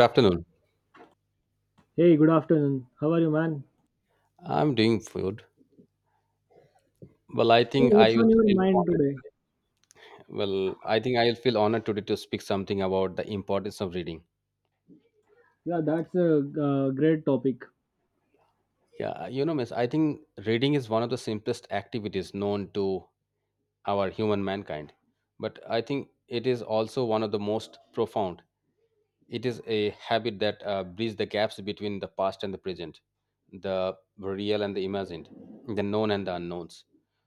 Good afternoon. Hey, good afternoon. How are you, man? I'm doing good. Well, I So, think I what's will on your feel mind honored. today? Well, I think I will feel honored today to speak something about the importance of reading. Yeah, that's a great topic. Yeah, you know, Miss, I think reading is one of the simplest activities known to our human mankind, but I think it is also one of the most profound. It is a habit that bridges the gaps between the past and the present, the real and the imagined, the known and the unknowns.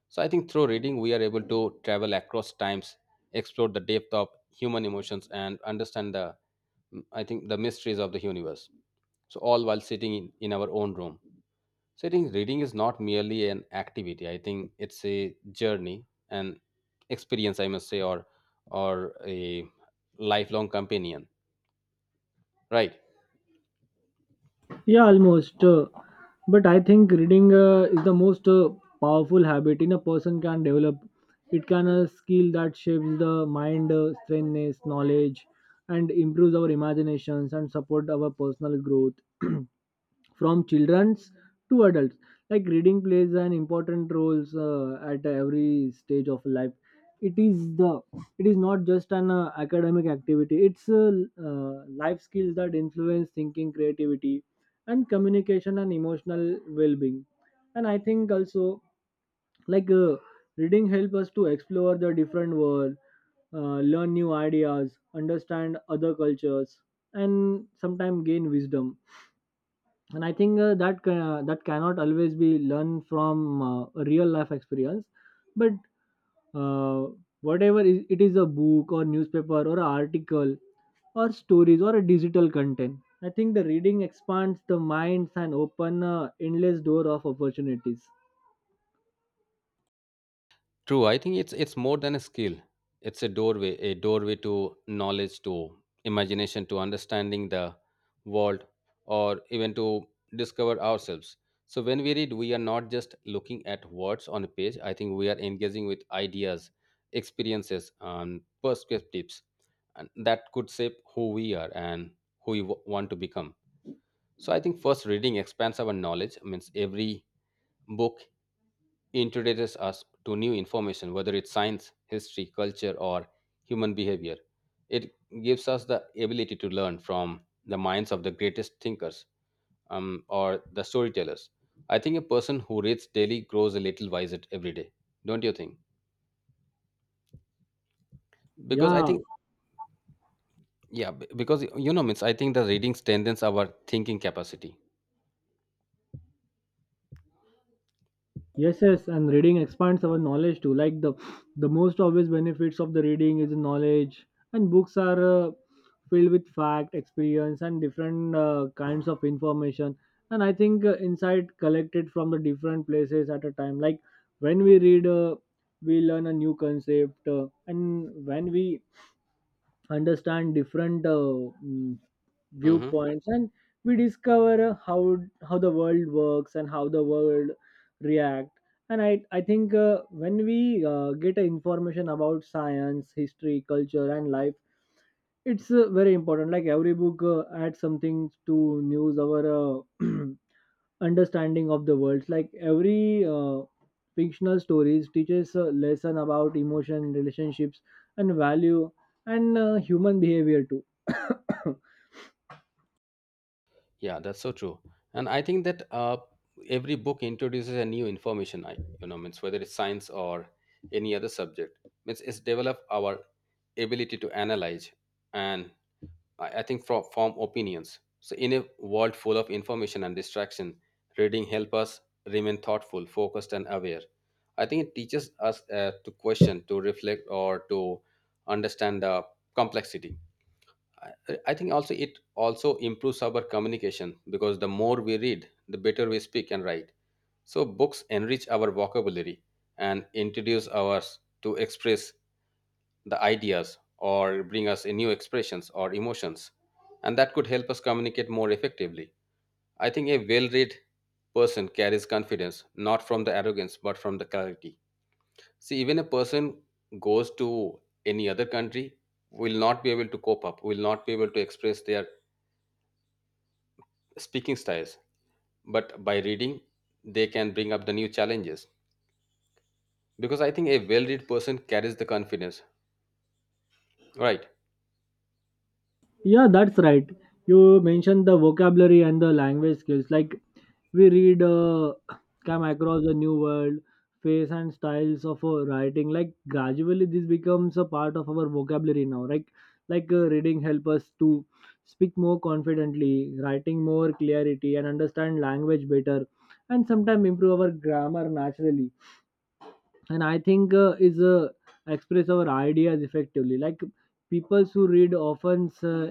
So I think through reading, we are able to travel across times, explore the depth of human emotions, and understand I think, the mysteries of the universe. So all while sitting in our own room. So I think reading is not merely an activity. I think it's a journey, an experience, I must say, or a lifelong companion, right? Yeah, almost. But I think reading is the most powerful habit in a person can develop. It can a skill that shapes the mind, strengthens knowledge, and improves our imaginations and support our personal growth. From children's to adults like reading plays an important role at every stage of life. It is the it is not just an academic activity, it's life skills that influence thinking, creativity, and communication, and emotional well-being. And I think also like uh, reading help us to explore the different world, learn new ideas, understand other cultures, and sometimes gain wisdom. And I think that cannot always be learned from a real life experience. But uh, whatever is, it is a book or newspaper or an article or stories or a digital content, I think the reading expands the minds and open endless door of opportunities. True, I think it's more than a skill. It's a doorway to knowledge, to imagination, to understanding the world, or even to discover ourselves. So when we read, we are not just looking at words on a page. I think we are engaging with ideas, experiences, and perspectives, and that could shape who we are and who we want to become. So I think first reading expands our knowledge. Means every book introduces us to new information, whether it's science, history, culture, or human behavior. It gives us the ability to learn from the minds of the greatest thinkers or the storytellers. I think a person who reads daily grows a little wiser every day, don't you think? Because I Yeah. think, yeah, because you know, means I think the reading strengthens our thinking capacity. Yes, yes, and reading expands our knowledge too. Like the most obvious benefits of the reading is knowledge, and books are filled with fact, experience, and different kinds of information. And I think insight collected from the different places at a time. Like when we read, we learn a new concept, and when we understand different Mhm. viewpoints, and we discover how the world works and how the world react. And I think when we get a information about science, history, culture, and life, it's very important. Like every book adds something to news our understanding of the world. Like every fictional stories teaches a lesson about emotion, relationships, and value, and human behavior too. Yeah, that's so true. And I think that every book introduces a new information. I You know means whether it's science or any other subject means it's develop our ability to analyze and I think from form opinions. So in a world full of information and distraction, reading help us remain thoughtful, focused, and aware. I think it teaches us to question, to reflect, or to understand complexity. I think also it also improves our communication because the more we read, the better we speak and write. So books enrich our vocabulary and introduce us to express the ideas or bring us in new expressions or emotions, and that could help us communicate more effectively. I think a well-read person carries confidence not from the arrogance but from the clarity. See, even a person goes to any other country will not be able to cope up, will not be able to express their speaking styles, but by reading, they can bring up the new challenges. Because I think a well read person carries the confidence, right? Yeah, that's right. You mentioned the vocabulary and the language skills. Like we read, come across a new world, face and styles of writing. Like gradually, this becomes a part of our vocabulary now. Like reading help us to speak more confidently, writing more clarity, and understand language better, and sometimes improve our grammar naturally. And I think is express our ideas effectively. Like people who read often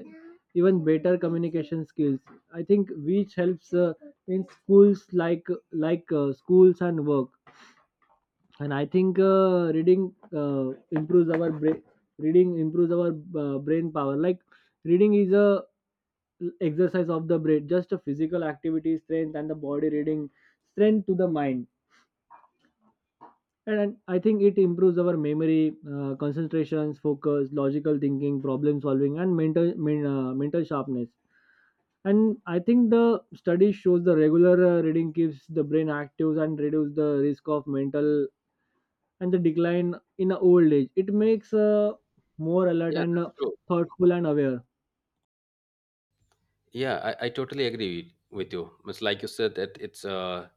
even better communication skills, I think, which helps in schools. Like schools and work. And I think reading uh, improves our brain. Reading improves our brain power. Like reading is a exercise of the brain just a physical activity strength and the body. Reading strength to the mind, and I think it improves our memory, concentrations, focus, logical thinking, problem solving, and mental mental sharpness. And I think the study shows the regular reading keeps the brain active and reduce the risk of mental and the decline in a old age. It makes more alert Yeah, and that's true. thoughtful and aware. Yeah, I totally agree with you. It's like you said that it's uh,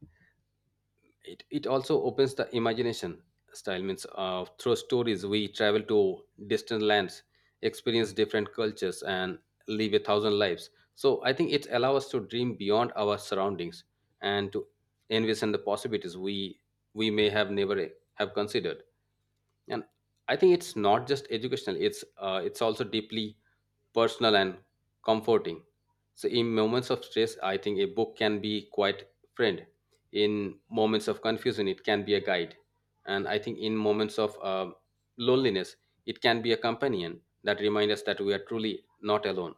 it, it also opens the imagination style means through stories we travel to distant lands, experience different cultures, and live a thousand lives. So I think it allows us to dream beyond our surroundings and to envision the possibilities we may have never have considered. And I think it's not just educational, it's also deeply personal and comforting. So in moments of stress, I think a book can be quite friend. In moments of confusion, it can be a guide. And I think in moments of loneliness, it can be a companion that reminds us that we are truly not alone.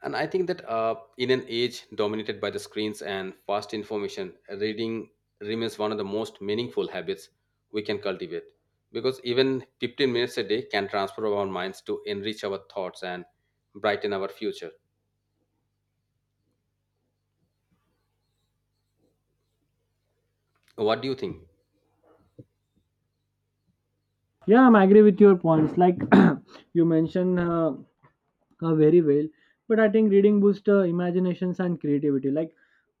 And I think that in an age dominated by the screens and fast information, reading remains one of the most meaningful habits we can cultivate. Because even 15 minutes a day can transfer our minds to enrich our thoughts and brighten our future. What do you think? Yeah, I'm agree with your points. Like you mentioned very well. But I think reading boosts imaginations and creativity. Like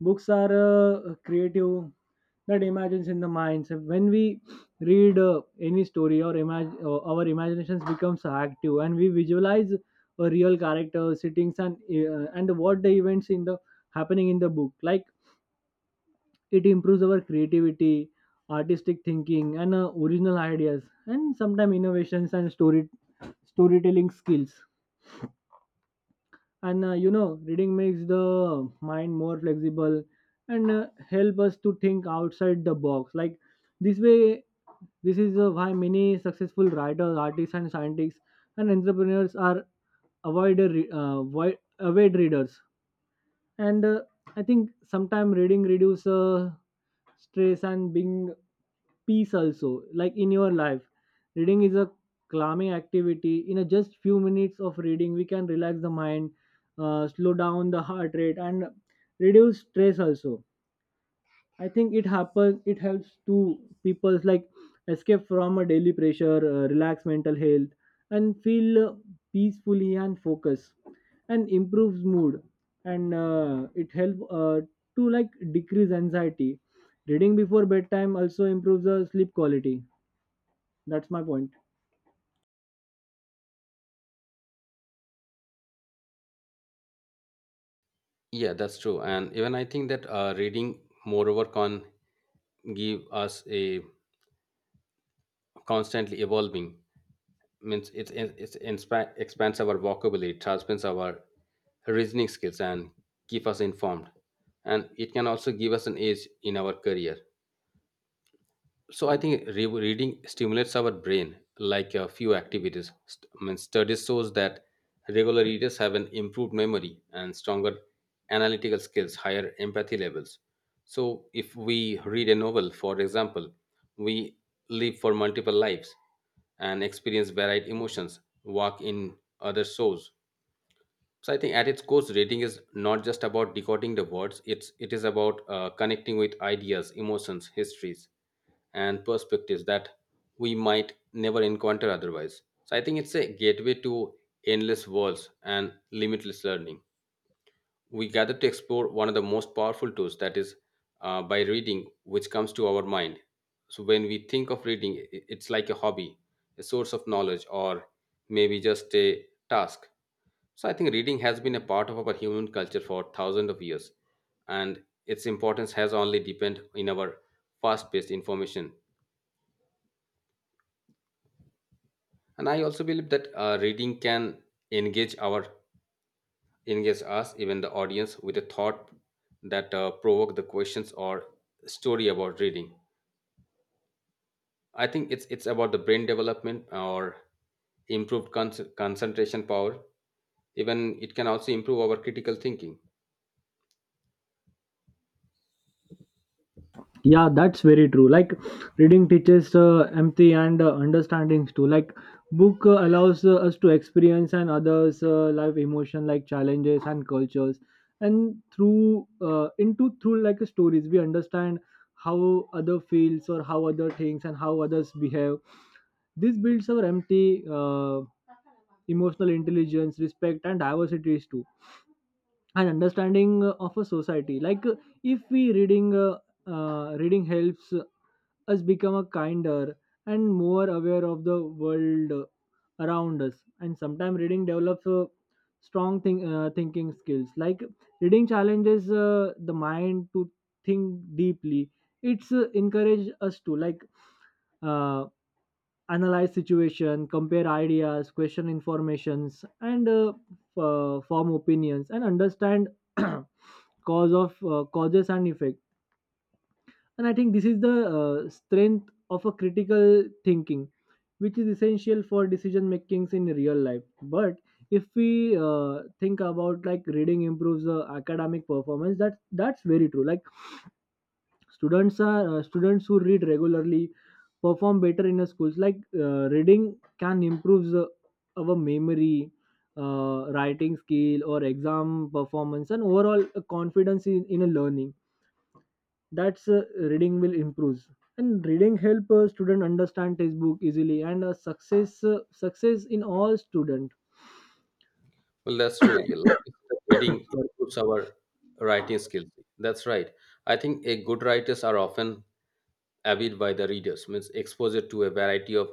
books are creative that imagines in the minds. When we read any story or imag- our imaginations becomes active and we visualize a real character settings and what the events in the happening in the book. Like it improves our creativity, artistic thinking, and original ideas, and sometimes innovations and storytelling skills. And you know reading makes the mind more flexible and help us to think outside the box. Like this way, this is why many successful writers, artists, and scientists, and entrepreneurs are avoid, avoid avid readers. And I think sometime reading reduce stress and being peace also like in your life. Reading is a calming activity. In a just few minutes of reading, we can relax the mind, slow down the heart rate, and reduce stress also. I think it happens. It helps to people's like escape from a daily pressure, relax mental health, and feel peacefully and focus, and improves mood, and it helps to like decrease anxiety. Reading before bedtime also improves the sleep quality. That's my point. Yeah, that's true. And even I think that reading, moreover, can give us a constantly evolving means it expands our vocabulary, it sharpens our reasoning skills, and keep us informed. And it can also give us an edge in our career. So I think reading stimulates our brain like a few activities. I mean, studies shows that regular readers have an improved memory and stronger analytical skills, higher empathy levels. So if we read a novel, for example, we live for multiple lives and experience varied emotions, walk in other souls, so I think at its core, reading is not just about decoding the words. It is about connecting with ideas, emotions, histories, and perspectives that we might never encounter otherwise. So I think it's a gateway to endless worlds and limitless learning we gather to explore one of the most powerful tools that is by reading which comes to our mind. So when we think of reading, it's like a hobby, a source of knowledge, or maybe just a task. So I think reading has been a part of our human culture for thousands of years, and its importance has only depend in our fast paced information. And I also believe that reading can engage our engage us, even the audience, with a thought that provoke the questions or story about reading. I think it's about the brain development or improved concentration power. Even it can also improve our critical thinking. Yeah, that's very true. Like reading teaches empathy and understandings too. Like book allows us to experience and others life emotion like challenges and cultures. And through like stories we understand how other feels or how other things and how others behave. This builds our empathy, emotional intelligence, respect, and diversities too, and understanding of a society. Like if we reading reading helps us become a kinder and more aware of the world around us. And sometimes reading develops strong thinking skills. Like reading challenges the mind to think deeply. It's encourage us to uh, analyze situation, compare ideas, question informations, and form opinions, and understand causes and effect. And I think this is the strength of a critical thinking, which is essential for decision makings in real life. But if we think about like reading improves the academic performance, that that's very true. Like students who read regularly perform better in the schools. Like reading can improve the our memory, writing skill or exam performance and overall confidence in a learning. That's reading will improve. And reading help a student understand textbook easily and success in all student. Well, that's true. You like you said, reading Sorry. improves our writing skills. That's right. I think a good writers are often avid by the readers means exposure to a variety of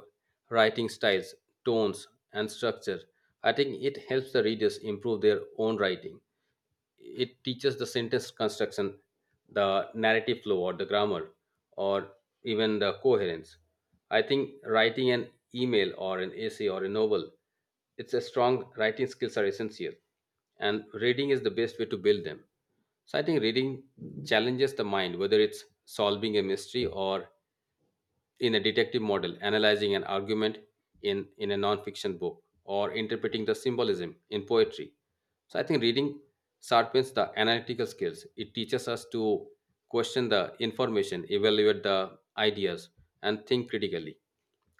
writing styles, tones, and structure. I think it helps the readers improve their own writing. It teaches the sentence construction, the narrative flow, or the grammar, or even the coherence. I think writing an email or an essay or a novel, it's a strong writing skills are essential, and reading is the best way to build them. So I think reading challenges the mind, whether it's solving a mystery or in a detective model, analyzing an argument in a nonfiction book, or interpreting the symbolism in poetry. So I think reading sharpens the analytical skills. It teaches us to question the information, evaluate the ideas, and think critically.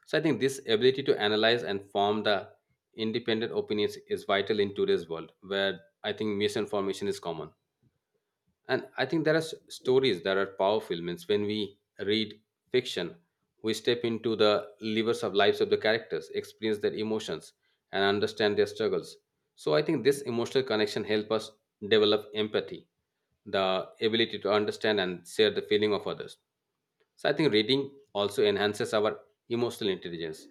So I think this ability to analyze and form the independent opinions is vital in today's world where I think misinformation is common. And I think there are stories that are powerful means when we read fiction, we step into the levers of lives of the characters, experience their emotions, and understand their struggles. So I think this emotional connection help us develop empathy, the ability to understand and share the feeling of others. So I think reading also enhances our emotional intelligence.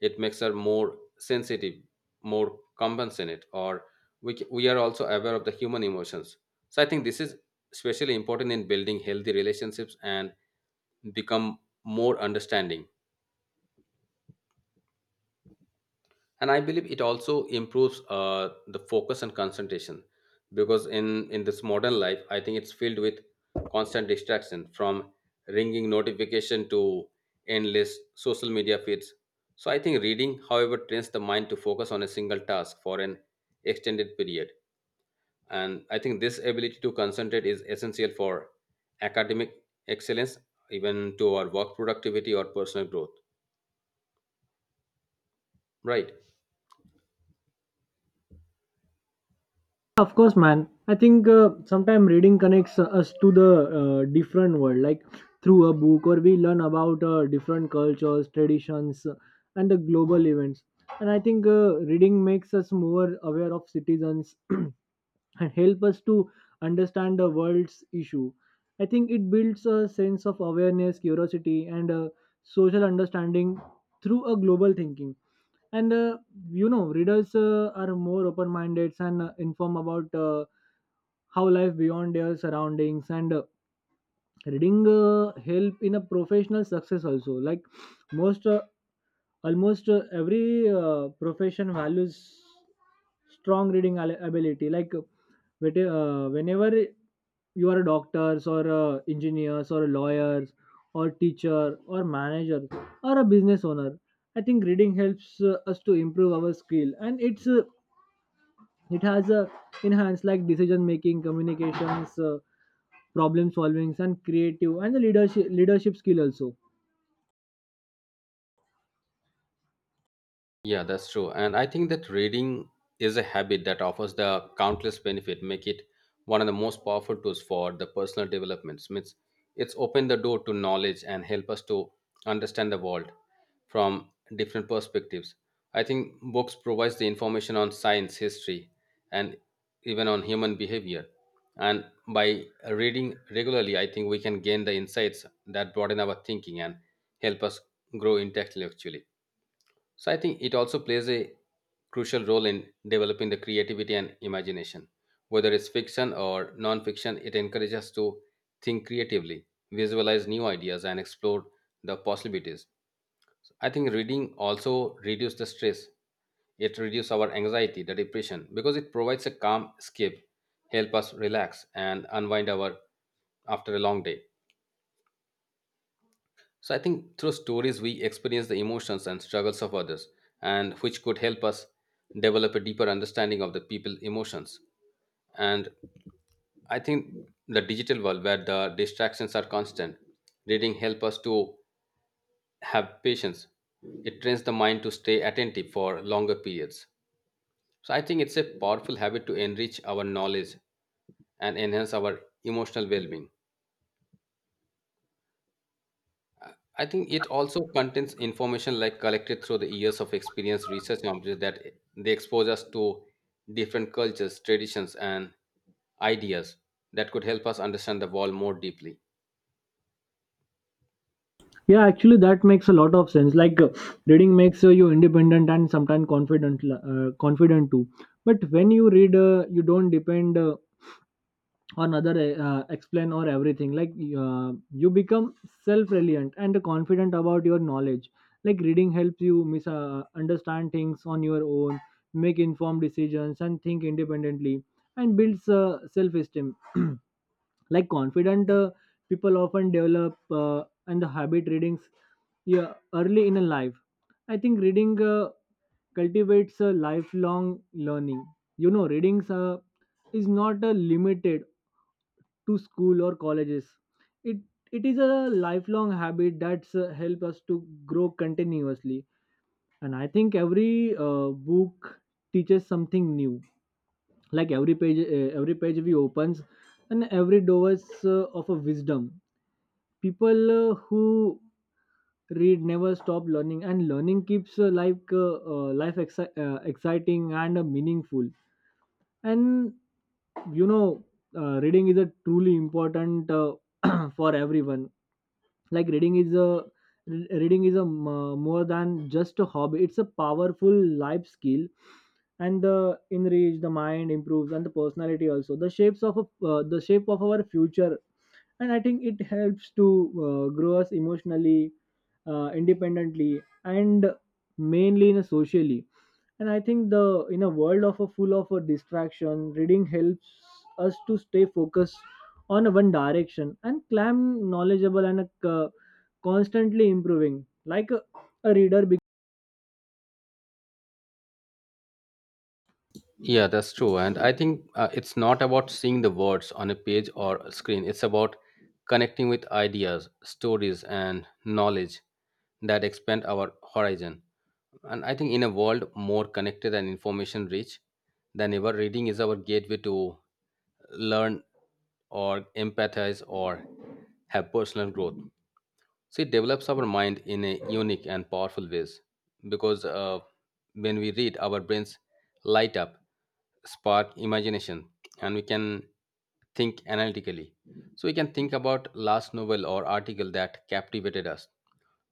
It makes us more sensitive, more compassionate, or we are also aware of the human emotions. So I think this is especially important in building healthy relationships and become more understanding. And I believe it also improves the focus and concentration, because in this modern life I think it's filled with constant distraction from ringing notification to endless social media feeds. So I think reading, however, trains the mind to focus on a single task for an extended period. And I think this ability to concentrate is essential for academic excellence, even to our work productivity or personal growth, right? Of course, man. I think sometimes reading connects us to the different world, like through a book, or we learn about different cultures, traditions, and the global events. And I think reading makes us more aware of citizens and help us to understand the world's issue. I think it builds a sense of awareness, curiosity, and social understanding through a global thinking. And you know, readers are more open-minded and informed about how life beyond their surroundings. And reading help in a professional success also. Like most almost every profession values strong reading al- ability. Like whenever you are a doctors or engineers or lawyers or teacher or manager or a business owner, I think reading helps us to improve our skill and it's it has a enhanced like decision making, communications, problem solving, and creative, and the leadership skill also. Yeah, that's true. And I think that reading is a habit that offers the countless benefit, make it one of the most powerful tools for the personal development. Means it's opened the door to knowledge and help us to understand the world from different perspectives. I think books provides the information on science, history, and even on human behavior. And by reading regularly, I think we can gain the insights that broaden our thinking and help us grow intellectually. So I think it also plays a crucial role in developing the creativity and imagination. Whether it's fiction or non-fiction, it encourages us to think creatively, visualize new ideas, and explore the possibilities. I think reading also reduces the stress. It reduces our anxiety, the depression, because it provides a calm escape, help us relax and unwind our after a long day. So I think through stories we experience the emotions and struggles of others and which could help us develop a deeper understanding of the people emotions. And I think the digital world where the distractions are constant, reading help us to have patience. It trains the mind to stay attentive for longer periods. So I think it's a powerful habit to enrich our knowledge and enhance our emotional well-being. I think it also contains information like collected through the years of experience, research, and observation that they expose us to different cultures, traditions, and ideas that could help us understand the world more deeply. Yeah, actually, that makes a lot of sense. Like reading makes you independent and sometimes confident too. But when you read, you don't depend on other explain or everything. Like you become self-reliant and confident about your knowledge. Like reading helps you understand things on your own, make informed decisions, and think independently, and builds self-esteem. Like confident people often develop and the habit readings, yeah, early in a life. I think reading cultivates a lifelong learning. You know readings is not limited to school or colleges. It it is a lifelong habit that's help us to grow continuously. And I think every book teaches something new. Like every page we opens, and every doors of a wisdom. People who read never stop learning, and learning keeps like exciting and meaningful. And you know, reading is a truly important for everyone. Like reading is a reading is a more than just a hobby, it's a powerful life skill, and the enrich the mind improves and the personality, also the the shape of our future. And I think it helps to grow us emotionally, independently, and mainly in a socially. And I think the in a world of a full of a distraction, reading helps us to stay focused on a one direction and clam, knowledgeable, and constantly improving. Like a reader Yeah, that's true. And I think it's not about seeing the words on a page or a screen, it's about connecting with ideas, stories, and knowledge that expand our horizon. And I think in a world more connected and information rich than ever, reading is our gateway to learn or empathize or have personal growth. So it develops our mind in a unique and powerful ways because when we read, our brains light up, spark imagination, and we can think analytically. So we can think about last novel or article that captivated us,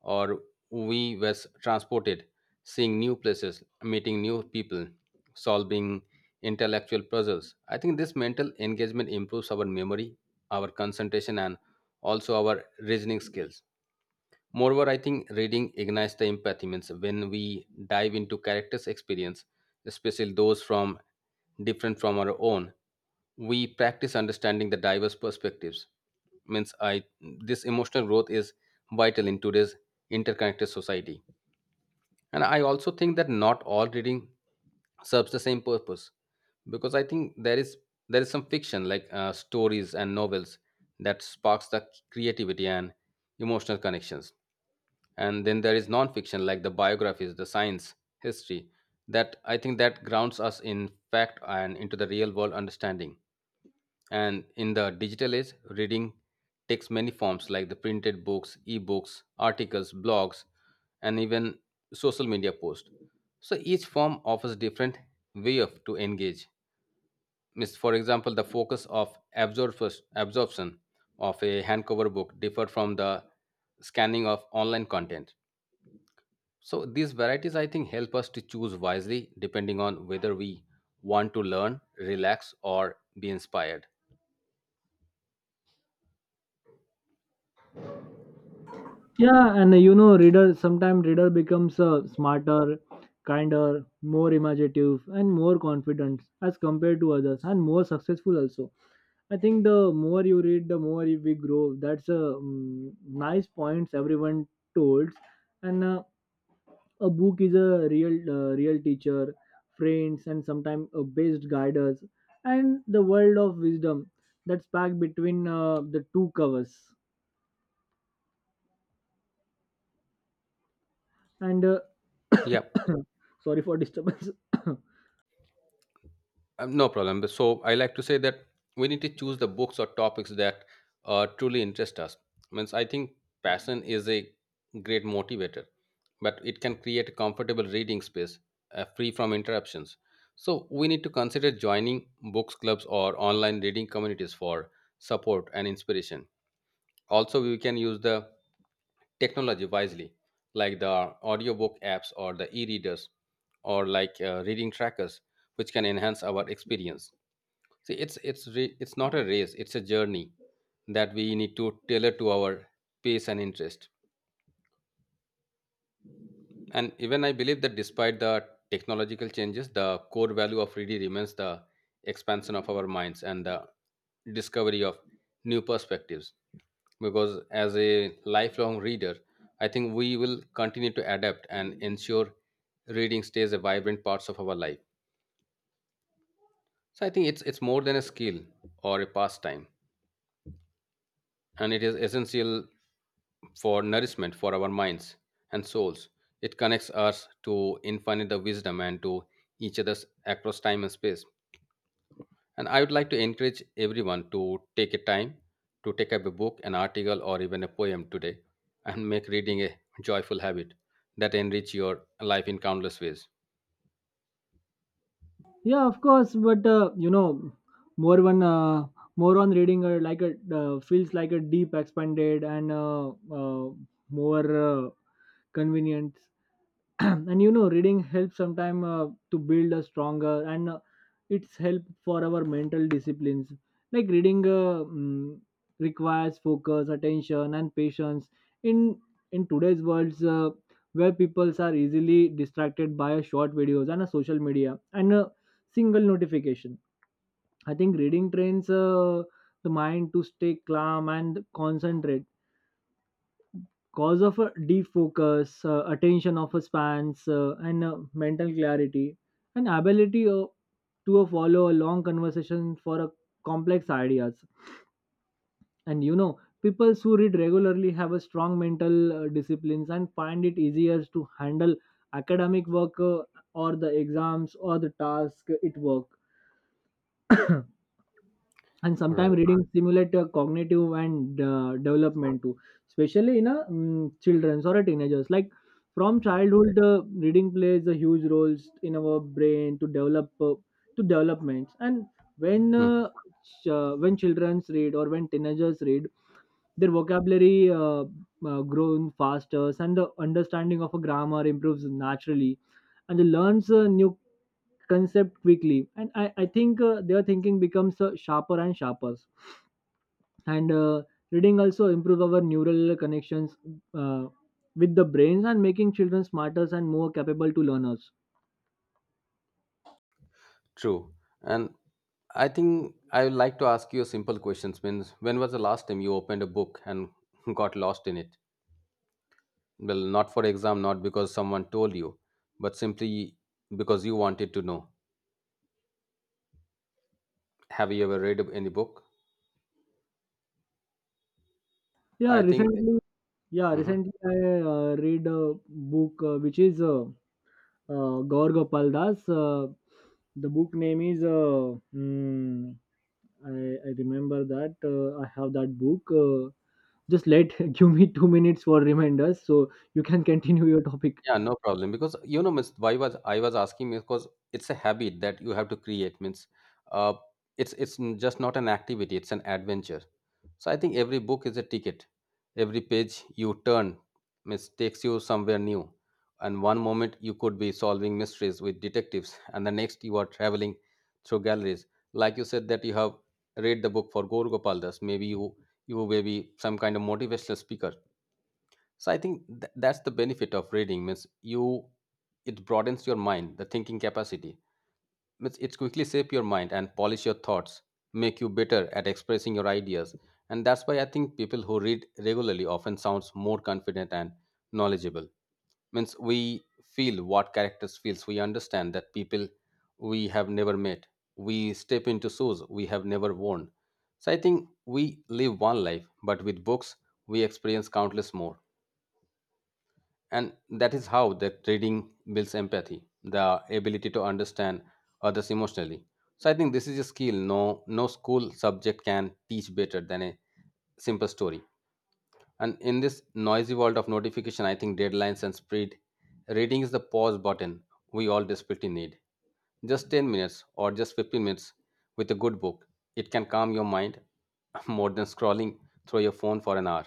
or we was transported, seeing new places, meeting new people, solving intellectual puzzles. I think this mental engagement improves our memory, our concentration, and also our reasoning skills. Moreover, I think reading ignites the empathy means when we dive into characters' experience, especially those from different from our own, we practice understanding the diverse perspectives. Means I this emotional growth is vital in today's interconnected society. And I also think that not all reading serves the same purpose because I think there is some fiction like stories and novels that sparks the creativity and emotional connections, and then there is non-fiction like the biographies, the science, history that I think that grounds us in fact and into the real world understanding. And in the digital age, reading takes many forms like the printed books, ebooks, articles, blogs, and even social media posts. So each form offers different way of to engage. Means, for example, the focus of absorption of a handcover book differ from the scanning of online content. So these varieties, I think, help us to choose wisely depending on whether we want to learn, relax, or be inspired. yeah and you know reader sometimes reader becomes smarter, kinder, more imaginative, and more confident as compared to others, and more successful also. I think the more you read, the more we grow. That's a nice points everyone told, and a book is a real real teacher, friends, and sometimes a best guiders, and the world of wisdom that's packed between the two covers. And Yeah, sorry for disturbance. No problem. But so I like to say that we need to choose the books or topics that truly interest us. Means I think passion is a great motivator, but it can create a comfortable reading space free from interruptions. So we need to consider joining books clubs or online reading communities for support and inspiration. Also, we can use the technology wisely, like the audiobook apps or the e-readers, or like reading trackers, which can enhance our experience. See, it's not a race; it's a journey that we need to tailor to our pace and interest. And even I believe that despite the technological changes, the core value of reading remains the expansion of our minds and the discovery of new perspectives, because as a lifelong reader, I think we will continue to adapt and ensure reading stays a vibrant part of our life. So I think it's more than a skill or a pastime, and it is essential for nourishment for our minds and souls. It connects us to infinite wisdom and to each other's across time and space. And I would like to encourage everyone to take a time to take up a book, an article, or even a poem today and make reading a joyful habit that enrich your life in countless ways. Yeah, of course, but more one uh, more on reading like a feels like a deep, expanded, and more convenient. And you know reading helps sometime to build a stronger and it's help for our mental disciplines. Like reading requires focus attention and patience in in today's worlds where people are easily distracted by a short videos and a social media and a single notification. I think reading trains the mind to stay calm and concentrate cause of a defocus, attention of a spans, and mental clarity, and ability to follow a long conversation for a complex ideas. And you know, people who read regularly have a strong mental disciplines and find it easier to handle academic work or the exams or the task it work. And Right. sometimes reading stimulate cognitive and development too, especially in a children's or a teenagers. Like from childhood reading plays a huge role in our brain to develop to developments. And when Hmm. When children's read or when teenagers read, their vocabulary grown faster and the understanding of a grammar improves naturally, and they learns a new concept quickly, and I think their thinking becomes sharper and sharper. And reading also improves our neural connections uh, with the brains and making children smarter and more capable to learners. True. And I think I would like to ask you a simple question. Means when was the last time you opened a book and got lost in it? Well, not for exam, not because someone told you, but simply because you wanted to know. Have you ever read any book? Yeah, I think. recently. Yeah, Mhm. recently I read a book which is Gaur Gopal Das. The book name is I, I remember that I have that book Just let give me 2 minutes for reminders so you can continue your topic. Yeah, no problem. Because you know, miss, why was I was asking is because it's a habit that you have to create. Means, uh, it's n- just not an activity; it's an adventure. So I think every book is a ticket. Every page you turn, means takes you somewhere new. And one moment you could be solving mysteries with detectives, and the next you are traveling through galleries. Like you said that you have read the book for Gaur Gopal Das. Maybe you may be some kind of motivational speaker. So I think that's the benefit of reading. Means you, it broadens your mind, the thinking capacity. Means it quickly shape your mind and polish your thoughts, make you better at expressing your ideas. And that's why I think people who read regularly often sounds more confident and knowledgeable. Means we feel what characters feels, we understand that people we have never met, we step into shoes we have never worn. So I think we live one life, but with books we experience countless more. And that is how that reading builds empathy, the ability to understand others emotionally. So I think this is a skill no school subject can teach better than a simple story. And in this noisy world of notification, I think deadlines and speed, reading is the pause button we all desperately need. Just 10 minutes or just 15 minutes with a good book, it can calm your mind more than scrolling through your phone for an hour.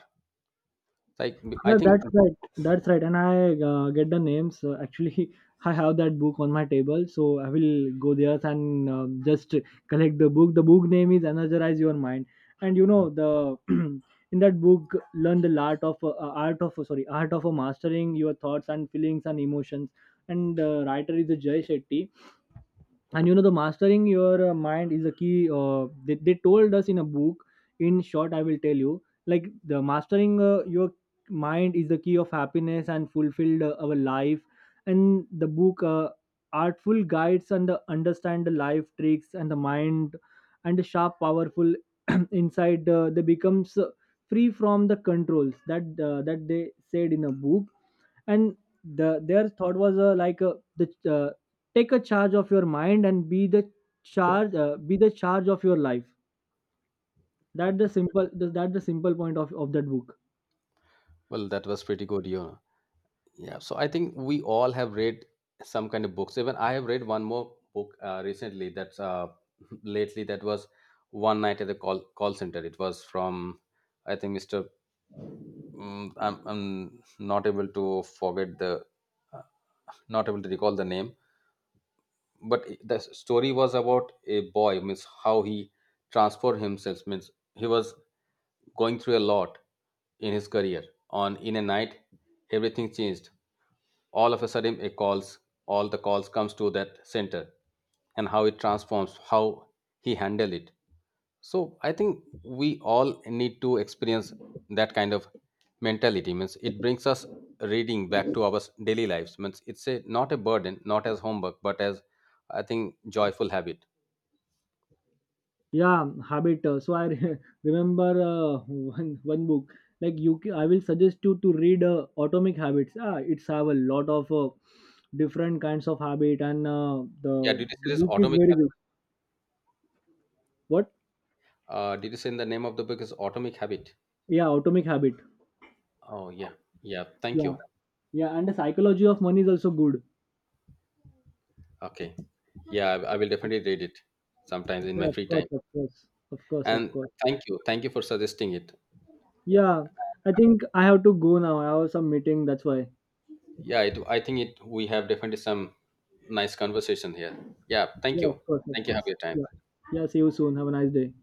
Like I Yeah, think, that's right. That's right. And I get the names. Actually, I have that book on my table, so I will go there and just collect the book. The book name is Energize Your Mind, and you know the in that book learn the art of art of, sorry, art of mastering your thoughts and feelings and emotions. And the writer is Jay Shetty, and you know the mastering your mind is a key they told us in a book. In short I will tell you like the mastering your mind is the key of happiness and fulfilled our life. And the book artful guides and the understand the life tricks and the mind and the sharp powerful inside they becomes free from the controls that that they said in a book. And the their thought was like the take a charge of your mind and be the charge of your life. That the simple, that the simple point of that book. well, that was pretty good, you know. Yeah, so I think we all have read some kind of books. Even I have read one more book recently. That's lately. That was One Night at the Call Center. It was from I think Mr. Mm, I'm not able to forget the uh, not able to recall the name. But the story was about a boy. Means how he transformed himself. Means he was going through a lot in his career. On in a night, everything changed all of a sudden. It calls, all the calls comes to that center, and how it transforms, how he handle it. So I think we all need to experience that kind of mentality. Means it brings us reading back to our daily lives. Means it's a not a burden, not as homework, but as I think joyful habit. Yeah, habit so I re- remember one book. Like you ca- I will suggest you to read Atomic Habits, ah, it's have a lot of different kinds of habit and the Yeah, did you say the this book is Atomic very Habit? good. What? Uh, did you say in the name of the book is Atomic Habit? Yeah, Atomic Habit. Oh yeah. Yeah, thank Yeah, you. yeah, and The Psychology of Money is also good. Okay, yeah, I will definitely read it sometimes in Yeah, my of free time. course, of course, of course, of And course. thank you, thank you for suggesting it. Yeah, I think I have to go now. I have some meeting, that's why. Yeah, it, I think it, we have definitely some nice conversation here. Yeah, thank Yeah, you. of course, of Thank you, have course. your Yeah, time. yeah. See you soon. Have a nice day.